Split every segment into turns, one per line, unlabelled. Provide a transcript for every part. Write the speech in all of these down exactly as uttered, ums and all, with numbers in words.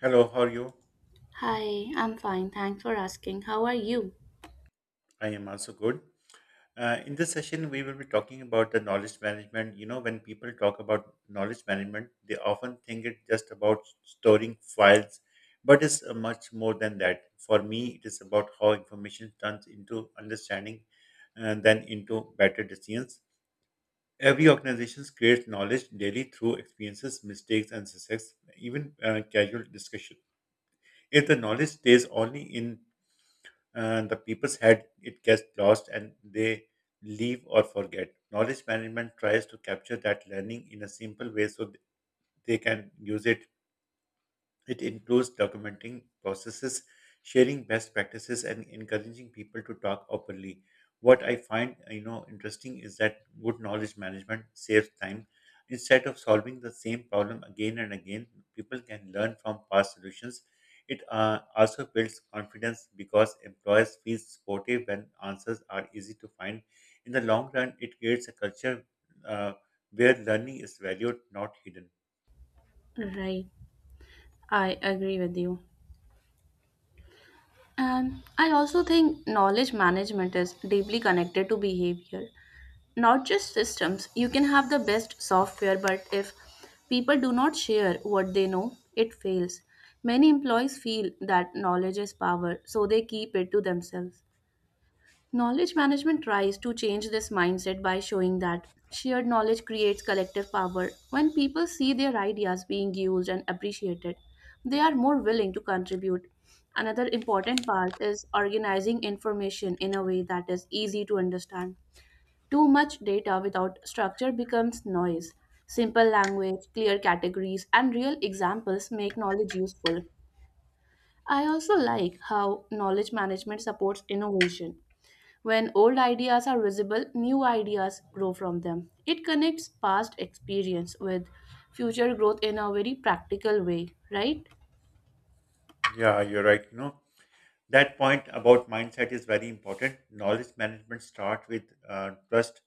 Hello, how are you?
Hi, I'm fine. Thanks for asking. How are you?
I am also good. Uh, in this session, we will be talking about the knowledge management. You know, when people talk about knowledge management, they often think it just about storing files, but it's uh, much more than that. For me, it is about how information turns into understanding and then into better decisions. Every organization creates knowledge daily through experiences, mistakes, and success, even uh, casual discussion. If the knowledge stays only in uh, the people's head, it gets lost and they leave or forget. Knowledge management tries to capture that learning in a simple way so th- they can use it it includes documenting processes, sharing best practices, and encouraging people to talk openly. What I find you know interesting is that good knowledge management saves time. Instead of solving the same problem again and again, people can learn from past solutions. It uh, also builds confidence because employers feel supportive when answers are easy to find. In the long run, it creates a culture uh, where learning is valued, not hidden.
Right, I agree with you. And I also think knowledge management is deeply connected to behavior, not just systems. You can have the best software, but if people do not share what they know, it fails. Many employees feel that knowledge is power, so they keep it to themselves. Knowledge management tries to change this mindset by showing that shared knowledge creates collective power. When people see their ideas being used and appreciated, they are more willing to contribute. Another important part is organizing information in a way that is easy to understand. Too much data without structure becomes noise. Simple language, clear categories, and real examples make knowledge useful. I also like how knowledge management supports innovation. When old ideas are visible, new ideas grow from them. It connects past experience with future growth in a very practical way, right?
Yeah, you're right. You know, that point about mindset is very important. Knowledge management starts with uh, trust.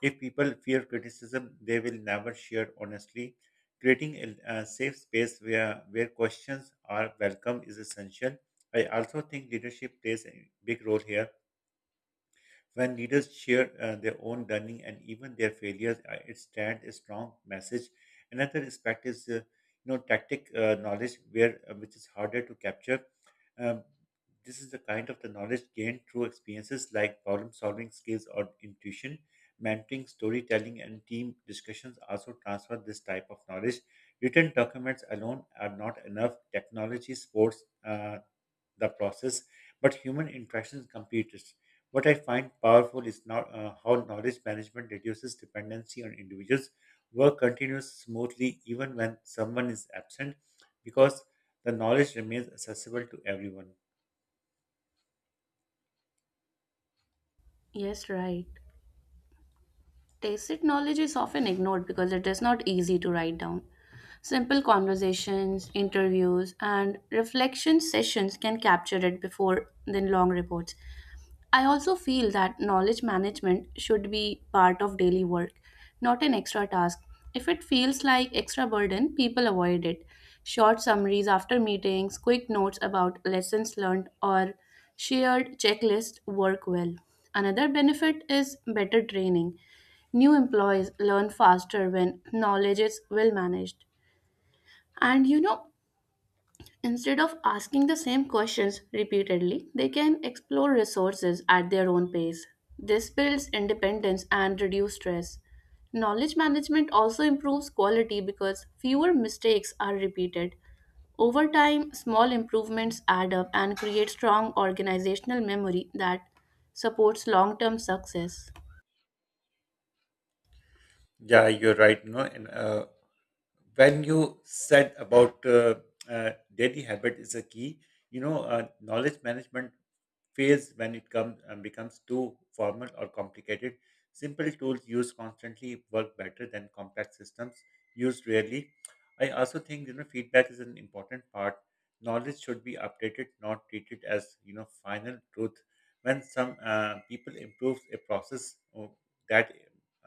If people fear criticism, they will never share honestly. Creating a, a safe space where, where questions are welcome is essential. I also think leadership plays a big role here. When leaders share uh, their own learning and even their failures, uh, it stands a strong message. Another aspect is, uh, you know, tactic uh, knowledge, where uh, which is harder to capture. Um, this is the kind of the knowledge gained through experiences like problem solving skills or intuition. Mentoring, storytelling, and team discussions also transfer this type of knowledge. Written documents alone are not enough. Technology supports uh, the process, but human interactions complete it. What I find powerful is not uh, how knowledge management reduces dependency on individuals. Work continues smoothly even when someone is absent, because the knowledge remains accessible to everyone.
Yes, right. Tacit knowledge is often ignored because it is not easy to write down. Simple conversations, interviews, and reflection sessions can capture it before than long reports. I also feel that knowledge management should be part of daily work, not an extra task. If it feels like extra burden, people avoid it. Short summaries after meetings, quick notes about lessons learned, or shared checklists work well. Another benefit is better training. New employees learn faster when knowledge is well managed. And you know, instead of asking the same questions repeatedly, they can explore resources at their own pace. This builds independence and reduces stress. Knowledge management also improves quality because fewer mistakes are repeated. Over time, small improvements add up and create strong organizational memory that supports long term success.
Yeah, you're right. No, and uh, when you said about uh, uh, daily habit is a key, you know, uh, knowledge management phase when it comes um, becomes too formal or complicated. Simple tools used constantly work better than complex systems used rarely. I also think you know feedback is an important part. Knowledge should be updated, not treated as you know final truth. When some uh, people improve a process, oh, that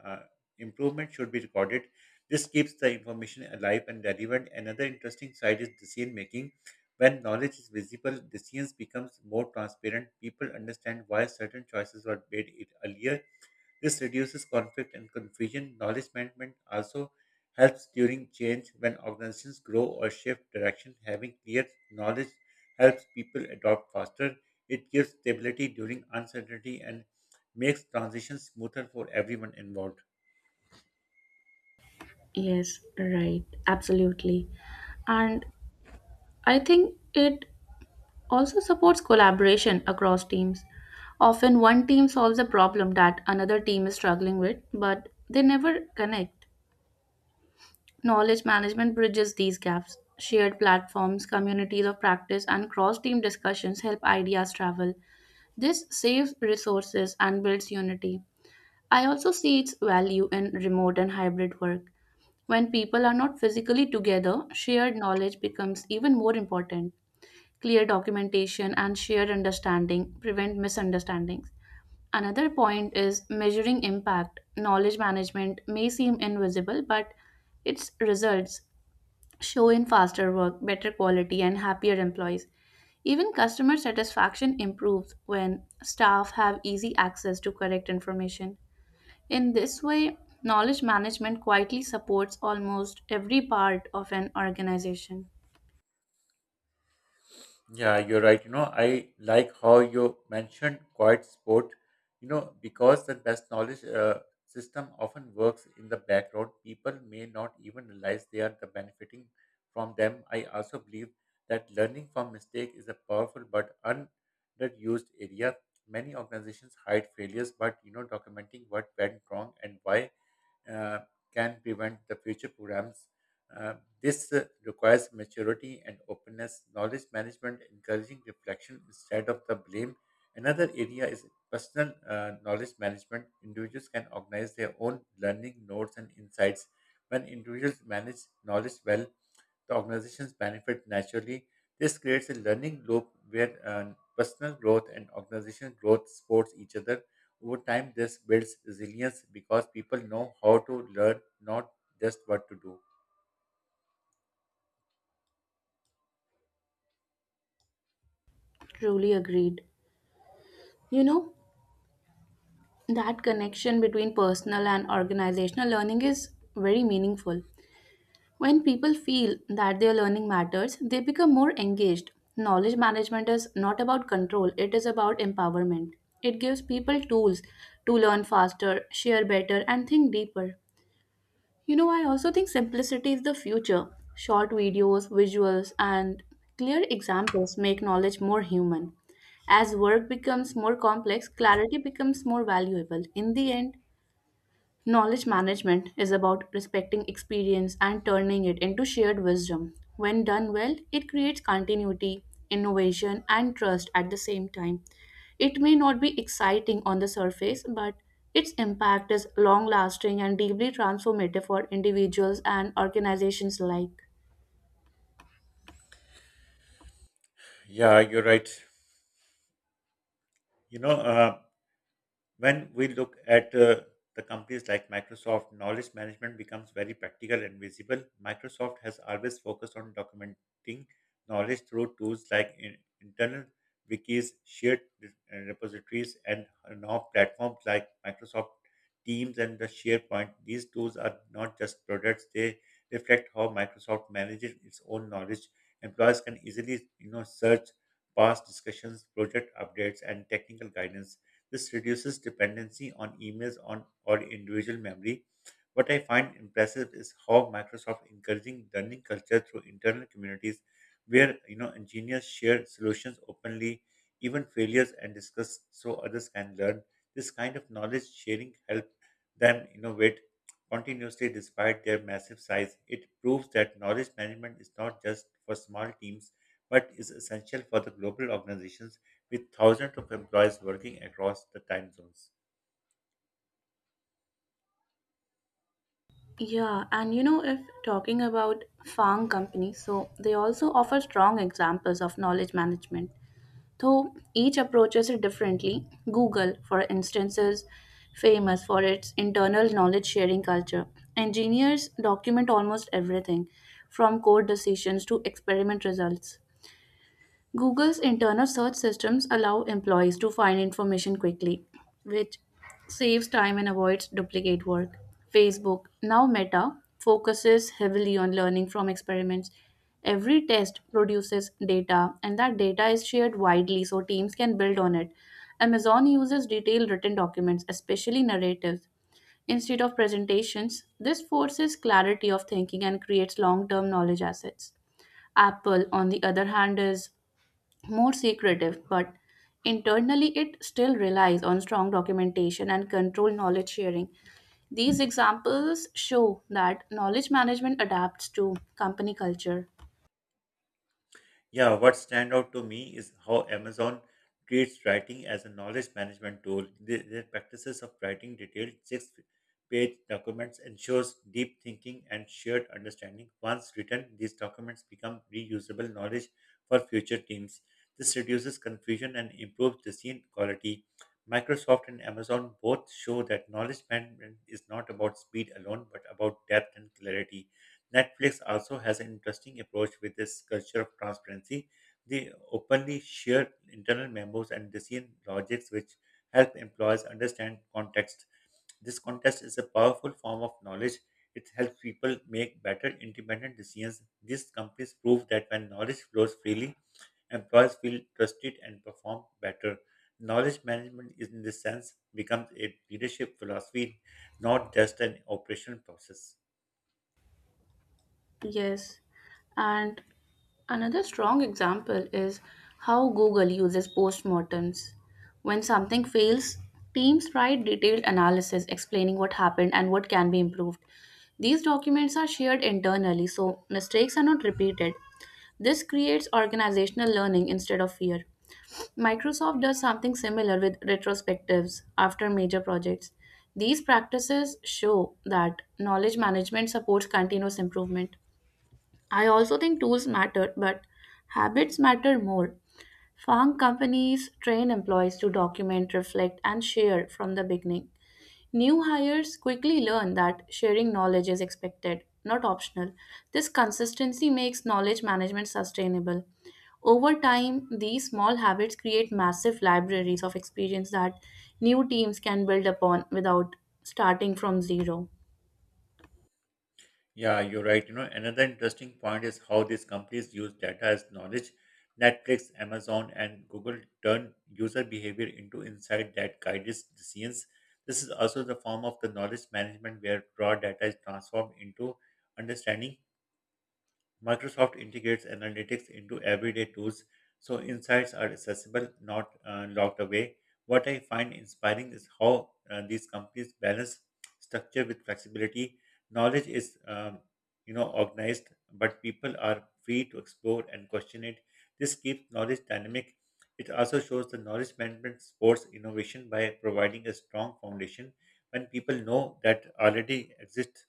uh, improvement should be recorded. This keeps the information alive and relevant. Another interesting side is decision making when knowledge is visible, decisions becomes more transparent. People understand why certain choices were made it earlier. This reduces conflict and confusion. Knowledge management also helps during change when organizations grow or shift direction. Having clear knowledge helps people adopt faster. It gives stability during uncertainty and makes transitions smoother for everyone involved.
Yes, right. Absolutely. And I think it also supports collaboration across teams. Often one team solves a problem that another team is struggling with, but they never connect. Knowledge management bridges these gaps. Shared platforms, communities of practice, and cross team discussions help ideas travel. This saves resources and builds unity. I also see its value in remote and hybrid work. When people are not physically together, shared knowledge becomes even more important. Clear documentation and shared understanding prevent misunderstandings. Another point is measuring impact. Knowledge management may seem invisible, but its results show in faster work, better quality, and happier employees. Even customer satisfaction improves when staff have easy access to correct information. In this way, knowledge management quietly supports almost every part of an organization.
Yeah, you're right. You know, I like how you mentioned quiet sport, you know, because the best knowledge uh, system often works in the background. People may not even realize they are the benefiting from them. I also believe that learning from mistake is a powerful but underused area. Many organizations hide failures, but you know, documenting what went wrong and why uh, can prevent the future programs. Uh, this uh, requires maturity and openness, knowledge management, encouraging reflection instead of the blame. Another area is personal uh, knowledge management. Individuals can organize their own learning notes and insights. When individuals manage knowledge well, the organizations benefit naturally. This creates a learning loop where uh, personal growth and organizational growth supports each other. Over time, this builds resilience because people know how to learn, not just what to do.
Truly agreed. You know, That connection between personal and organizational learning is very meaningful. When people feel that their learning matters, they become more engaged. Knowledge management is not about control, it is about empowerment. It gives people tools to learn faster, share better, and think deeper. You know, I also think simplicity is the future. Short videos, visuals, and clear examples make knowledge more human. As work becomes more complex, clarity becomes more valuable. In the end, knowledge management is about respecting experience and turning it into shared wisdom. When done well, it creates continuity, innovation, and trust at the same time. It may not be exciting on the surface, but its impact is long lasting and deeply transformative for individuals and organizations alike.
Yeah, you're right. You know, uh, When we look at uh, the companies like Microsoft, knowledge management becomes very practical and visible. Microsoft has always focused on documenting knowledge through tools like in- internal wikis, shared re- uh, repositories, and now platforms like Microsoft Teams and the SharePoint. These tools are not just products; they reflect how Microsoft manages its own knowledge. Employees can easily, you know, search past discussions, project updates, and technical guidance this reduces dependency on emails on or individual memory. What I find impressive is how Microsoft encouraging learning culture through internal communities where you know engineers share solutions openly, even failures and discuss so others can learn. This kind of knowledge sharing help them innovate continuously despite their massive size. It proves that knowledge management is not just for small teams but is essential for the global organizations with thousands of employees working across the time zones.
Yeah, and you know, if talking about farm companies, so they also offer strong examples of knowledge management. Though each approaches it differently, Google, for instance, is famous for its internal knowledge sharing culture. Engineers document almost everything, from code decisions to experiment results. Google's internal search systems allow employees to find information quickly, which saves time and avoids duplicate work. Facebook, now Meta, focuses heavily on learning from experiments. Every test produces data, and that data is shared widely so teams can build on it. Amazon uses detailed written documents, especially narratives, instead of presentations. This forces clarity of thinking and creates long term knowledge assets. Apple, on the other hand, is more secretive, but internally it still relies on strong documentation and controlled knowledge sharing. These examples show that knowledge management adapts to company culture.
Yeah, what stand out to me is how Amazon treats writing as a knowledge management tool. The- Their practices of writing detailed six-page documents ensures deep thinking and shared understanding. Once written, these documents become reusable knowledge for future teams. This reduces confusion and improves decision quality. Microsoft and Amazon both show that knowledge management is not about speed alone, but about depth and clarity. Netflix also has an interesting approach with this culture of transparency. They openly share internal memos and decision logics, which help employees understand context. This context is a powerful form of knowledge. It helps people make better independent decisions. These companies prove that when knowledge flows freely, employees feel trusted and perform better. Knowledge management, is, in this sense, becomes a leadership philosophy, not just an operational process.
Yes, and another strong example is how Google uses postmortems. When something fails, teams write detailed analysis explaining what happened and what can be improved. These documents are shared internally, so mistakes are not repeated. This creates organizational learning instead of fear. Microsoft does something similar with retrospectives after major projects. These practices show that knowledge management supports continuous improvement. I also think tools matter, but habits matter more. Farm companies train employees to document, reflect, and share from the beginning. New hires quickly learn that sharing knowledge is expected, not optional. This consistency makes knowledge management sustainable. Over time, these small habits create massive libraries of experience that new teams can build upon without starting from zero.
Yeah, you're right. You know, another interesting point is how these companies use data as knowledge. Netflix, Amazon, and Google turn user behavior into insight that guides decisions. This is also the form of the knowledge management where raw data is transformed into understanding. Microsoft integrates analytics into everyday tools so insights are accessible, not uh, locked away. What I find inspiring is how uh, these companies balance structure with flexibility. Knowledge is, um, you know, organized, but people are free to explore and question it. This keeps knowledge dynamic. It also shows the knowledge management supports innovation by providing a strong foundation. When people know that already exists,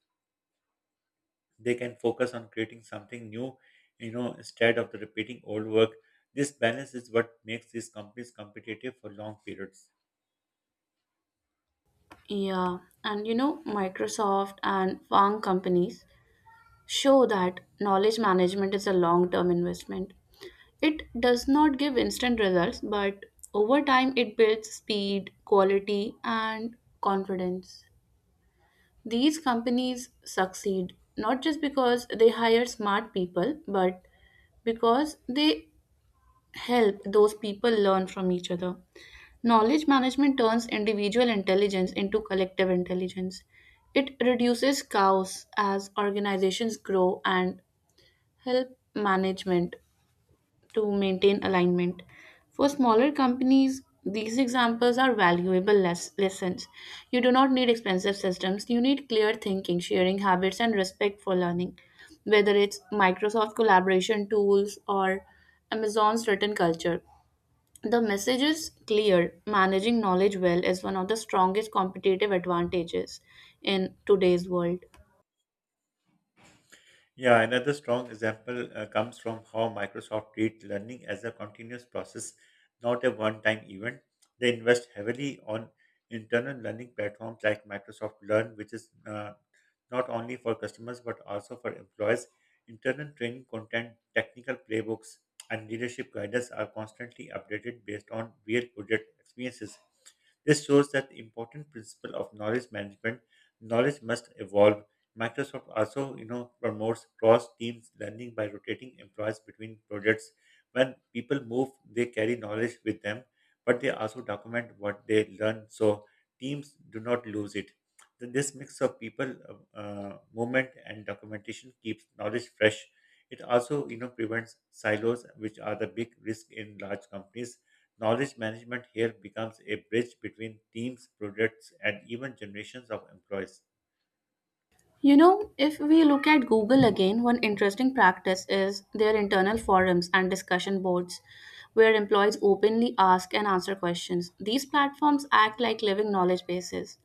they can focus on creating something new you know instead of the repeating old work this balance is what makes these companies competitive for long periods
Yeah, and you know, Microsoft and Fang companies show that knowledge management is a long term investment. It does not give instant results, but over time it builds speed, quality, and confidence. These companies succeed not just because they hire smart people, but because they help those people learn from each other. Knowledge management turns individual intelligence into collective intelligence. It reduces chaos as organizations grow and help management to maintain alignment. For smaller companies, these examples are valuable les- lessons. You do not need expensive systems, you need clear thinking, sharing habits, and respect for learning. Whether it's Microsoft collaboration tools or Amazon's written culture, the message is clear. Managing knowledge well is one of the strongest competitive advantages in today's world.
yeah another strong example uh, comes from how microsoft treats learning as a continuous process not a one time event they invest heavily on internal learning platforms like microsoft learn which is uh, not only for customers but also for employees. Internal training content, technical playbooks, and leadership guidance are constantly updated based on real project experiences. This shows that the important principle of knowledge management, knowledge must evolve. Microsoft also, you know, promotes cross-teams learning by rotating employees between projects. When people move, they carry knowledge with them, but they also document what they learn so teams do not lose it. Th- This mix of people, uh, uh, movement, and documentation keeps knowledge fresh. It also, you know, prevents silos, which are the big risk in large companies. Knowledge management here becomes a bridge between teams, projects, and even generations of employees.
You know, if we look at Google again, one interesting practice is their internal forums and discussion boards where employees openly ask and answer questions. These platforms act like living knowledge bases.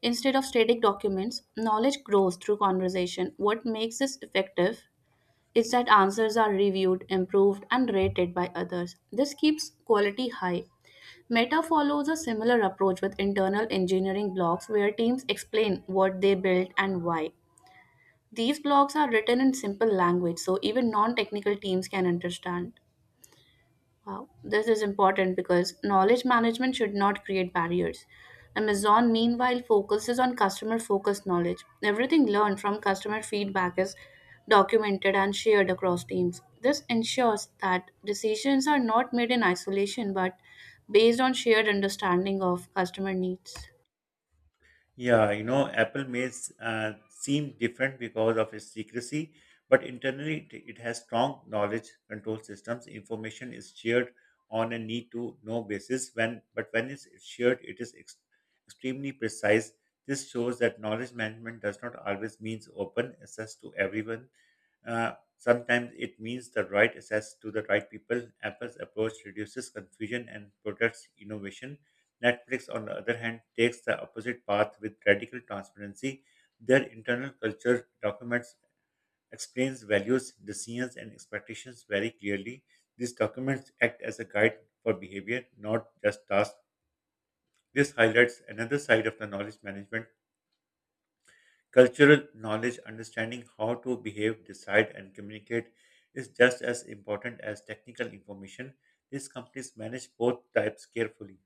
Instead of static documents, knowledge grows through conversation. What makes this effective is that answers are reviewed, improved, and rated by others. This keeps quality high. Meta follows a similar approach with internal engineering blogs, where teams explain what they built and why. These blogs are written in simple language, so even non technical teams can understand. Wow, this is important because knowledge management should not create barriers. Amazon, meanwhile, focuses on customer focused knowledge. Everything learned from customer feedback is documented and shared across teams. This ensures that decisions are not made in isolation but based on shared understanding of customer needs.
Yeah, you know, Apple may s- uh, seem different because of its secrecy, but internally it, it has strong knowledge control systems. Information is shared on a need-to-know basis. When, but when it's shared, it is ex- extremely precise. This shows that knowledge management does not always means open access to everyone. Uh, sometimes it means the right access to the right people. Apple's approach reduces confusion and protects innovation. Netflix, on the other hand, takes the opposite path with radical transparency. Their internal culture documents explains values, decisions, and expectations very clearly. These documents act as a guide for behavior, not just tasks. This highlights another side of the knowledge management Cultural knowledge, understanding how to behave, decide, and communicate, is just as important as technical information. These companies manage both types carefully.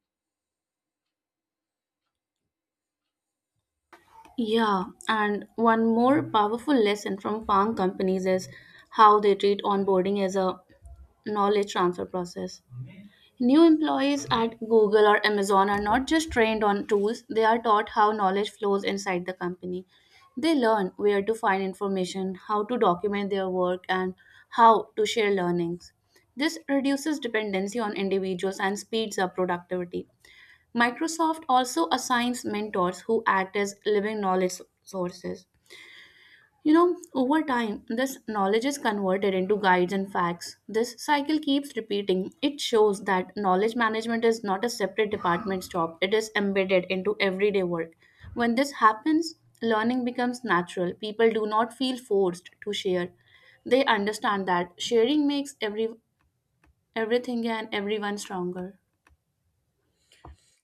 Yeah, and one more powerful lesson from farm companies is how they treat onboarding as a knowledge transfer process. New employees at Google or Amazon are not just trained on tools, they are taught how knowledge flows inside the company. They learn where to find information, how to document their work, and how to share learnings. This reduces dependency on individuals and speeds up productivity. Microsoft also assigns mentors who act as living knowledge sources. You know, over time, this knowledge is converted into guides and facts. This cycle keeps repeating. It shows that knowledge management is not a separate department's job, it is embedded into everyday work. When this happens, learning becomes natural. People do not feel forced to share. They understand that sharing makes every everything and everyone stronger.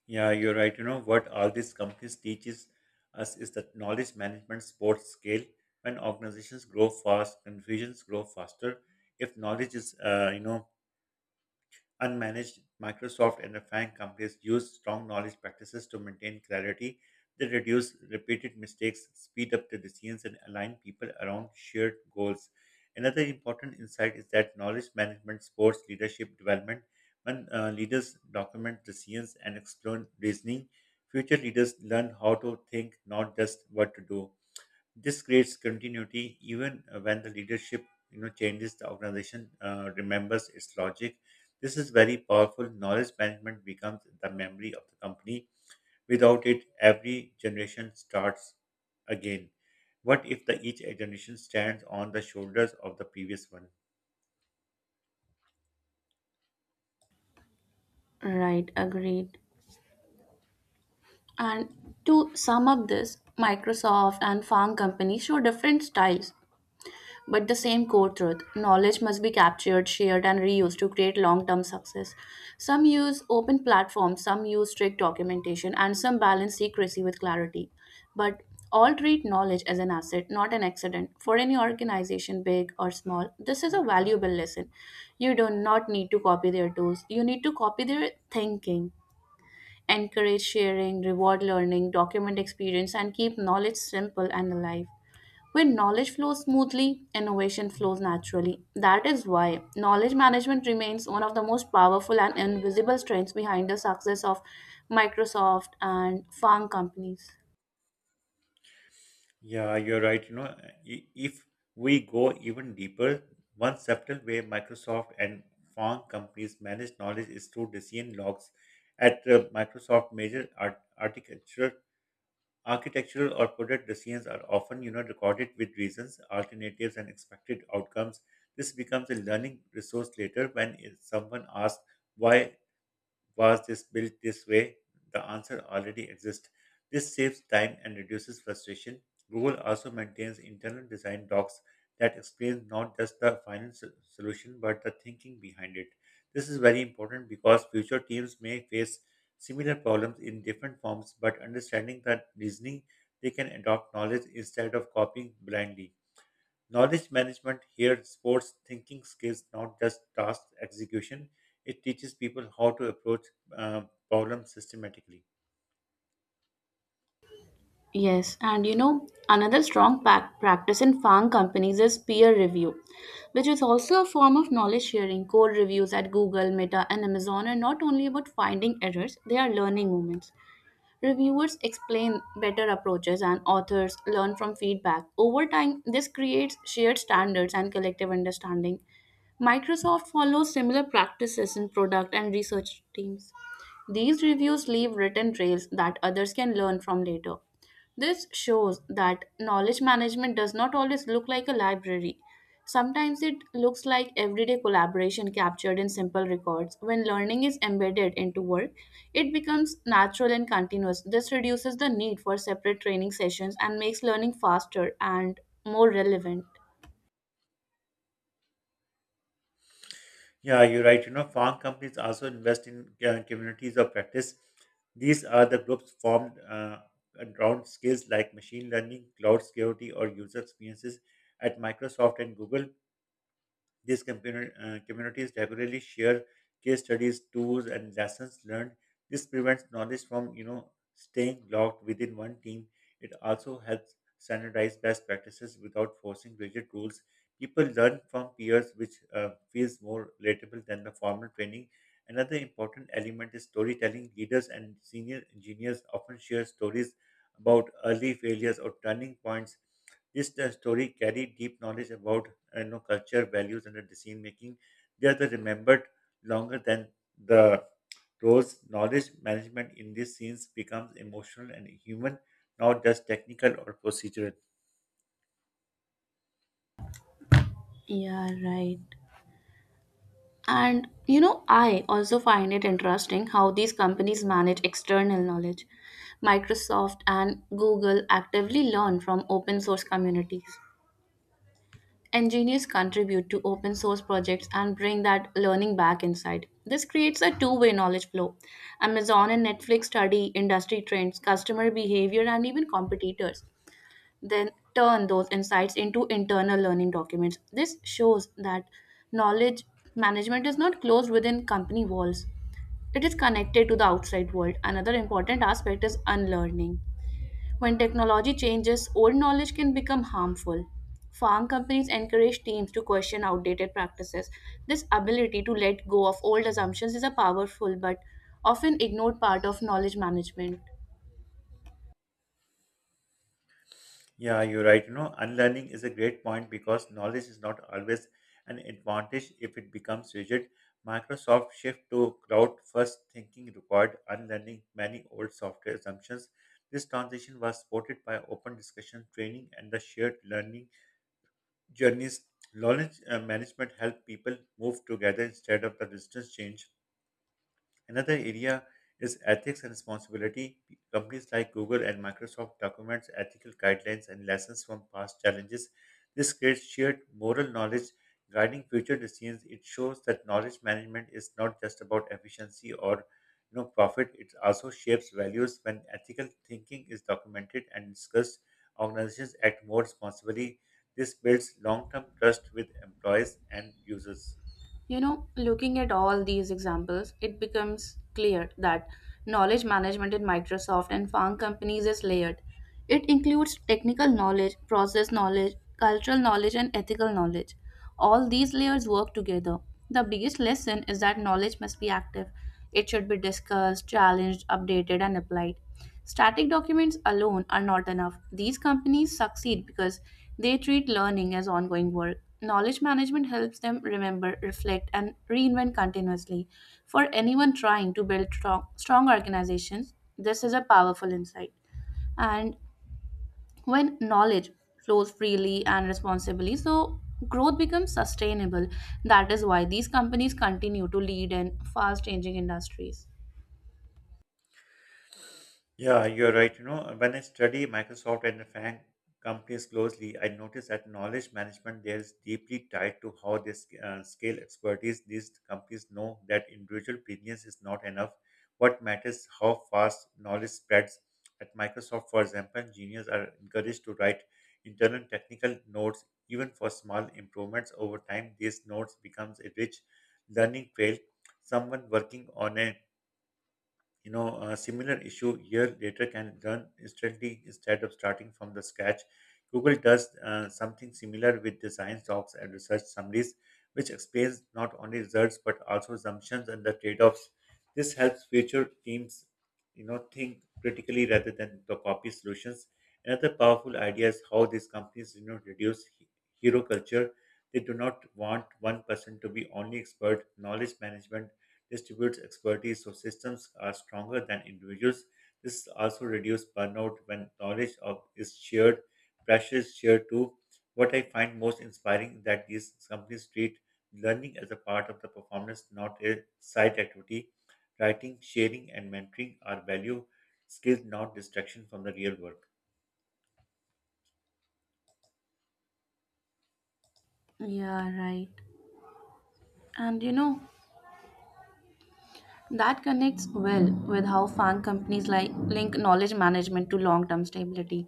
Yeah, you're right. You know what all these companies teaches us is that knowledge management sports scale. When organizations grow fast, confusions grow faster. If knowledge is, uh, you know, unmanaged, Microsoft and the refined companies use strong knowledge practices to maintain clarity. They reduce repeated mistakes, speed up the decisions, and align people around shared goals. Another important insight is that knowledge management supports leadership development. When uh, leaders document decisions and explain reasoning, future leaders learn how to think, not just what to do. This creates continuity even uh, when the leadership you know changes. The organization uh, remembers its logic. This is very powerful. Knowledge management becomes the memory of the company. Without it, every generation starts again. What if the each generation stands on the shoulders of the previous one?
Right, agreed. And to sum up this, Microsoft and farm companies show different styles, but the same core truth knowledge must be captured, shared, and reused to create long term success. Some use open platforms, some use strict documentation, and some balance secrecy with clarity. But all treat knowledge as an asset, not an accident. For any organization, big or small, this is a valuable lesson. You do not need to copy their tools, you need to copy their thinking encourage sharing, reward learning, document experience, and keep knowledge simple and alive. When knowledge flows smoothly, innovation flows naturally. That is why knowledge management remains one of the most powerful and invisible strengths behind the success of Microsoft and farm companies.
Yeah, you're right. You know, i- if we go even deeper, one subtle way Microsoft and farm companies manage knowledge is through decision logs. At uh, Microsoft, major art- architectural, architectural or product decisions are often, you know, recorded with reasons, alternatives, and expected outcomes. This becomes a learning resource later when if someone asks why was this built this way? The answer already exists. This saves time and reduces frustration. Google also maintains internal design docs that explain not just the final so- solution but the thinking behind it. This is very important because future teams may face similar problems in different forms, but understanding that reasoning, they can adopt knowledge instead of copying blindly. Knowledge management here sports thinking skills, not just task execution. It teaches people how to approach uh, problems systematically.
Yes, and you know, another strong pac- practice in farm companies is peer review, which is also a form of knowledge sharing. Code reviews at Google, Meta, and Amazon are not only about finding errors, they are learning moments. Reviewers explain better approaches and authors learn from feedback. Over time, this creates shared standards and collective understanding. Microsoft follows similar practices in product and research teams. These reviews leave written trails that others can learn from later. This shows that knowledge management does not always look like a library. Sometimes it looks like everyday collaboration captured in simple records. When learning is embedded into work, it becomes natural and continuous. This reduces the need for separate training sessions and makes learning faster and more relevant.
Yeah, you're right. You know, farm companies also invest in uh, communities of practice. These are the groups formed uh, around skills like machine learning, cloud security, or user experiences. At Microsoft and Google, These community, uh, communities regularly share case studies, tools, and lessons learned. This prevents knowledge from you know staying locked within one team. It also helps standardize best practices without forcing rigid rules. People learn from peers, which uh, feels more relatable than the formal training. Another important element is storytelling. Leaders and senior engineers often share stories about early failures or turning points, this uh, story carried deep knowledge about you know, culture, values, and the decision making. They are the remembered longer than the roles. Knowledge management in these scenes becomes emotional and human, not just technical or procedural.
Yeah, right. And you know, I also find it interesting how these companies manage external knowledge. Microsoft and Google actively learn from open source communities. Engineers contribute to open source projects and bring that learning back inside. This creates a two way knowledge flow. Amazon and Netflix study industry trends, customer behavior, and even competitors, then turn those insights into internal learning documents. This shows that knowledge management is not closed within company walls, it is connected to the outside world. Another important aspect is unlearning. When technology changes, old knowledge can become harmful. Farm companies encourage teams to question outdated practices. This ability to let go of old assumptions is a powerful but often ignored part of knowledge management.
Yeah, you're right. You know, unlearning is a great point because knowledge is not always an advantage if it becomes rigid. Microsoft shift to cloud first thinking required unlearning many old software assumptions. This transition was supported by open discussion, training, and the shared learning journeys. Knowledge uh, management helped people move together instead of the distance change. Another area is ethics and responsibility. Companies like Google and Microsoft documents ethical guidelines and lessons from past challenges. This creates shared moral knowledge guiding future decisions. It shows that knowledge management is not just about efficiency or you know, profit. It also shapes values when ethical thinking is documented and discussed. Organizations act more responsibly. This builds long-term trust with employees and users.
You know, looking at all these examples, it becomes clear that knowledge management in Microsoft and farm companies is layered. It includes technical knowledge, process knowledge, cultural knowledge, and ethical knowledge. All these layers work together. The biggest lesson is that knowledge must be active. It should be discussed, challenged, updated, and applied. Static documents alone are not enough. These companies succeed because they treat learning as ongoing work. Knowledge management helps them remember, reflect, and reinvent continuously. For anyone trying to build strong, strong organizations, this is a powerful insight. And when knowledge flows freely and responsibly, so growth becomes sustainable. That is why these companies continue to lead in fast changing industries.
Yeah, you're right. You know, when I study Microsoft and the FANG companies closely, I notice that knowledge management there is deeply tied to how they sc- uh, scale expertise. These companies know that individual brilliance is not enough. What matters is how fast knowledge spreads. At Microsoft, for example, engineers are encouraged to write internal technical notes, even for small improvements over time. These notes becomes a rich learning trail. Someone working on a you know, a similar issue year later can learn instantly instead of starting from the scratch. Google does uh, something similar with design docs and research summaries, which explains not only results but also assumptions and the trade-offs. This helps future teams, you know, think critically rather than to copy solutions. Another powerful idea is how these companies, you know, reduce he- hero culture. They do not want one person to be only expert. Knowledge management distributes expertise so systems are stronger than individuals. This also reduces burnout when knowledge of is shared, pressure is shared too. What I find most inspiring is that these companies treat learning as a part of the performance, not a side activity. Writing, sharing, and mentoring are value skills, not distraction from the real work.
Yeah, right. And you know, that connects well with how fan companies like link knowledge management to long-term stability.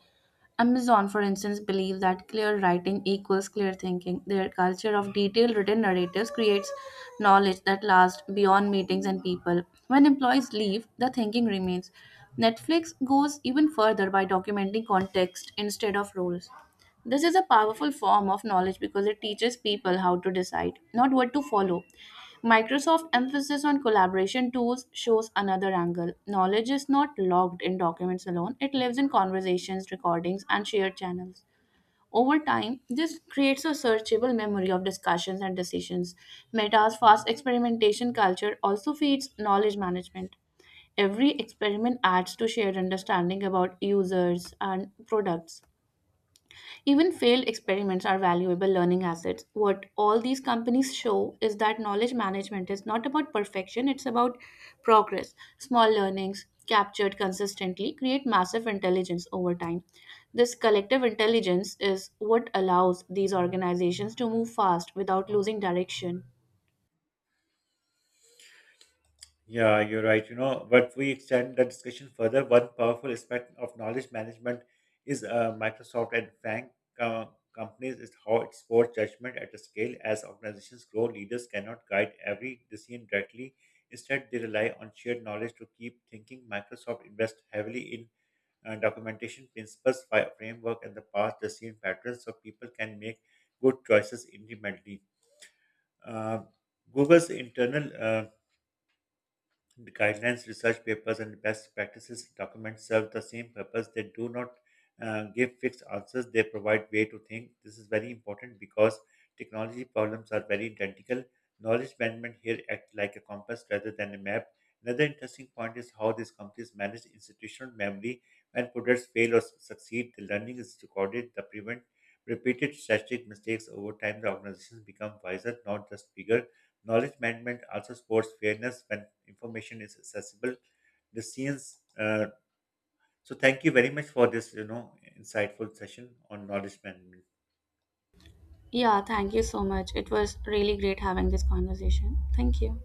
Amazon, for instance, believes that clear writing equals clear thinking. Their culture of detailed written narratives creates knowledge that lasts beyond meetings and people. When employees leave, the thinking remains. Netflix goes even further by documenting context instead of roles. This is a powerful form of knowledge because it teaches people how to decide, not what to follow. Microsoft's emphasis on collaboration tools shows another angle. Knowledge is not logged in documents alone, it lives in conversations, recordings, and shared channels. Over time, this creates a searchable memory of discussions and decisions. Meta's fast experimentation culture also feeds knowledge management. Every experiment adds to shared understanding about users and products. Even failed experiments are valuable learning assets. What all these companies show is that knowledge management is not about perfection, it's about progress. Small learnings captured consistently create massive intelligence over time. This collective intelligence is what allows these organizations to move fast without losing direction.
Yeah, you're right. You know, but we extend the discussion further, one powerful aspect of knowledge management is uh, Microsoft and Frank uh, companies is how it supports judgment at a scale. As organizations grow, leaders cannot guide every decision directly. Instead, they rely on shared knowledge to keep thinking. Microsoft invests heavily in uh, documentation principles, fi- framework, and the past decision patterns, so people can make good choices independently. Um Google's internal uh, the guidelines, research papers, and best practices documents serve the same purpose. They do not uh, give fixed answers. They provide way to think. This is very important because technology problems are very identical. Knowledge management here acts like a compass rather than a map. Another interesting point is how these companies manage institutional memory. When products fail or s- succeed, the learning is recorded. The prevent repeated strategic mistakes over time. The organizations become wiser, not just bigger. Knowledge management also supports fairness when information is accessible. The scenes. Uh, so thank you very much for this, you know, insightful session on knowledge management.
Yeah, thank you so much. It was really great having this conversation. Thank you.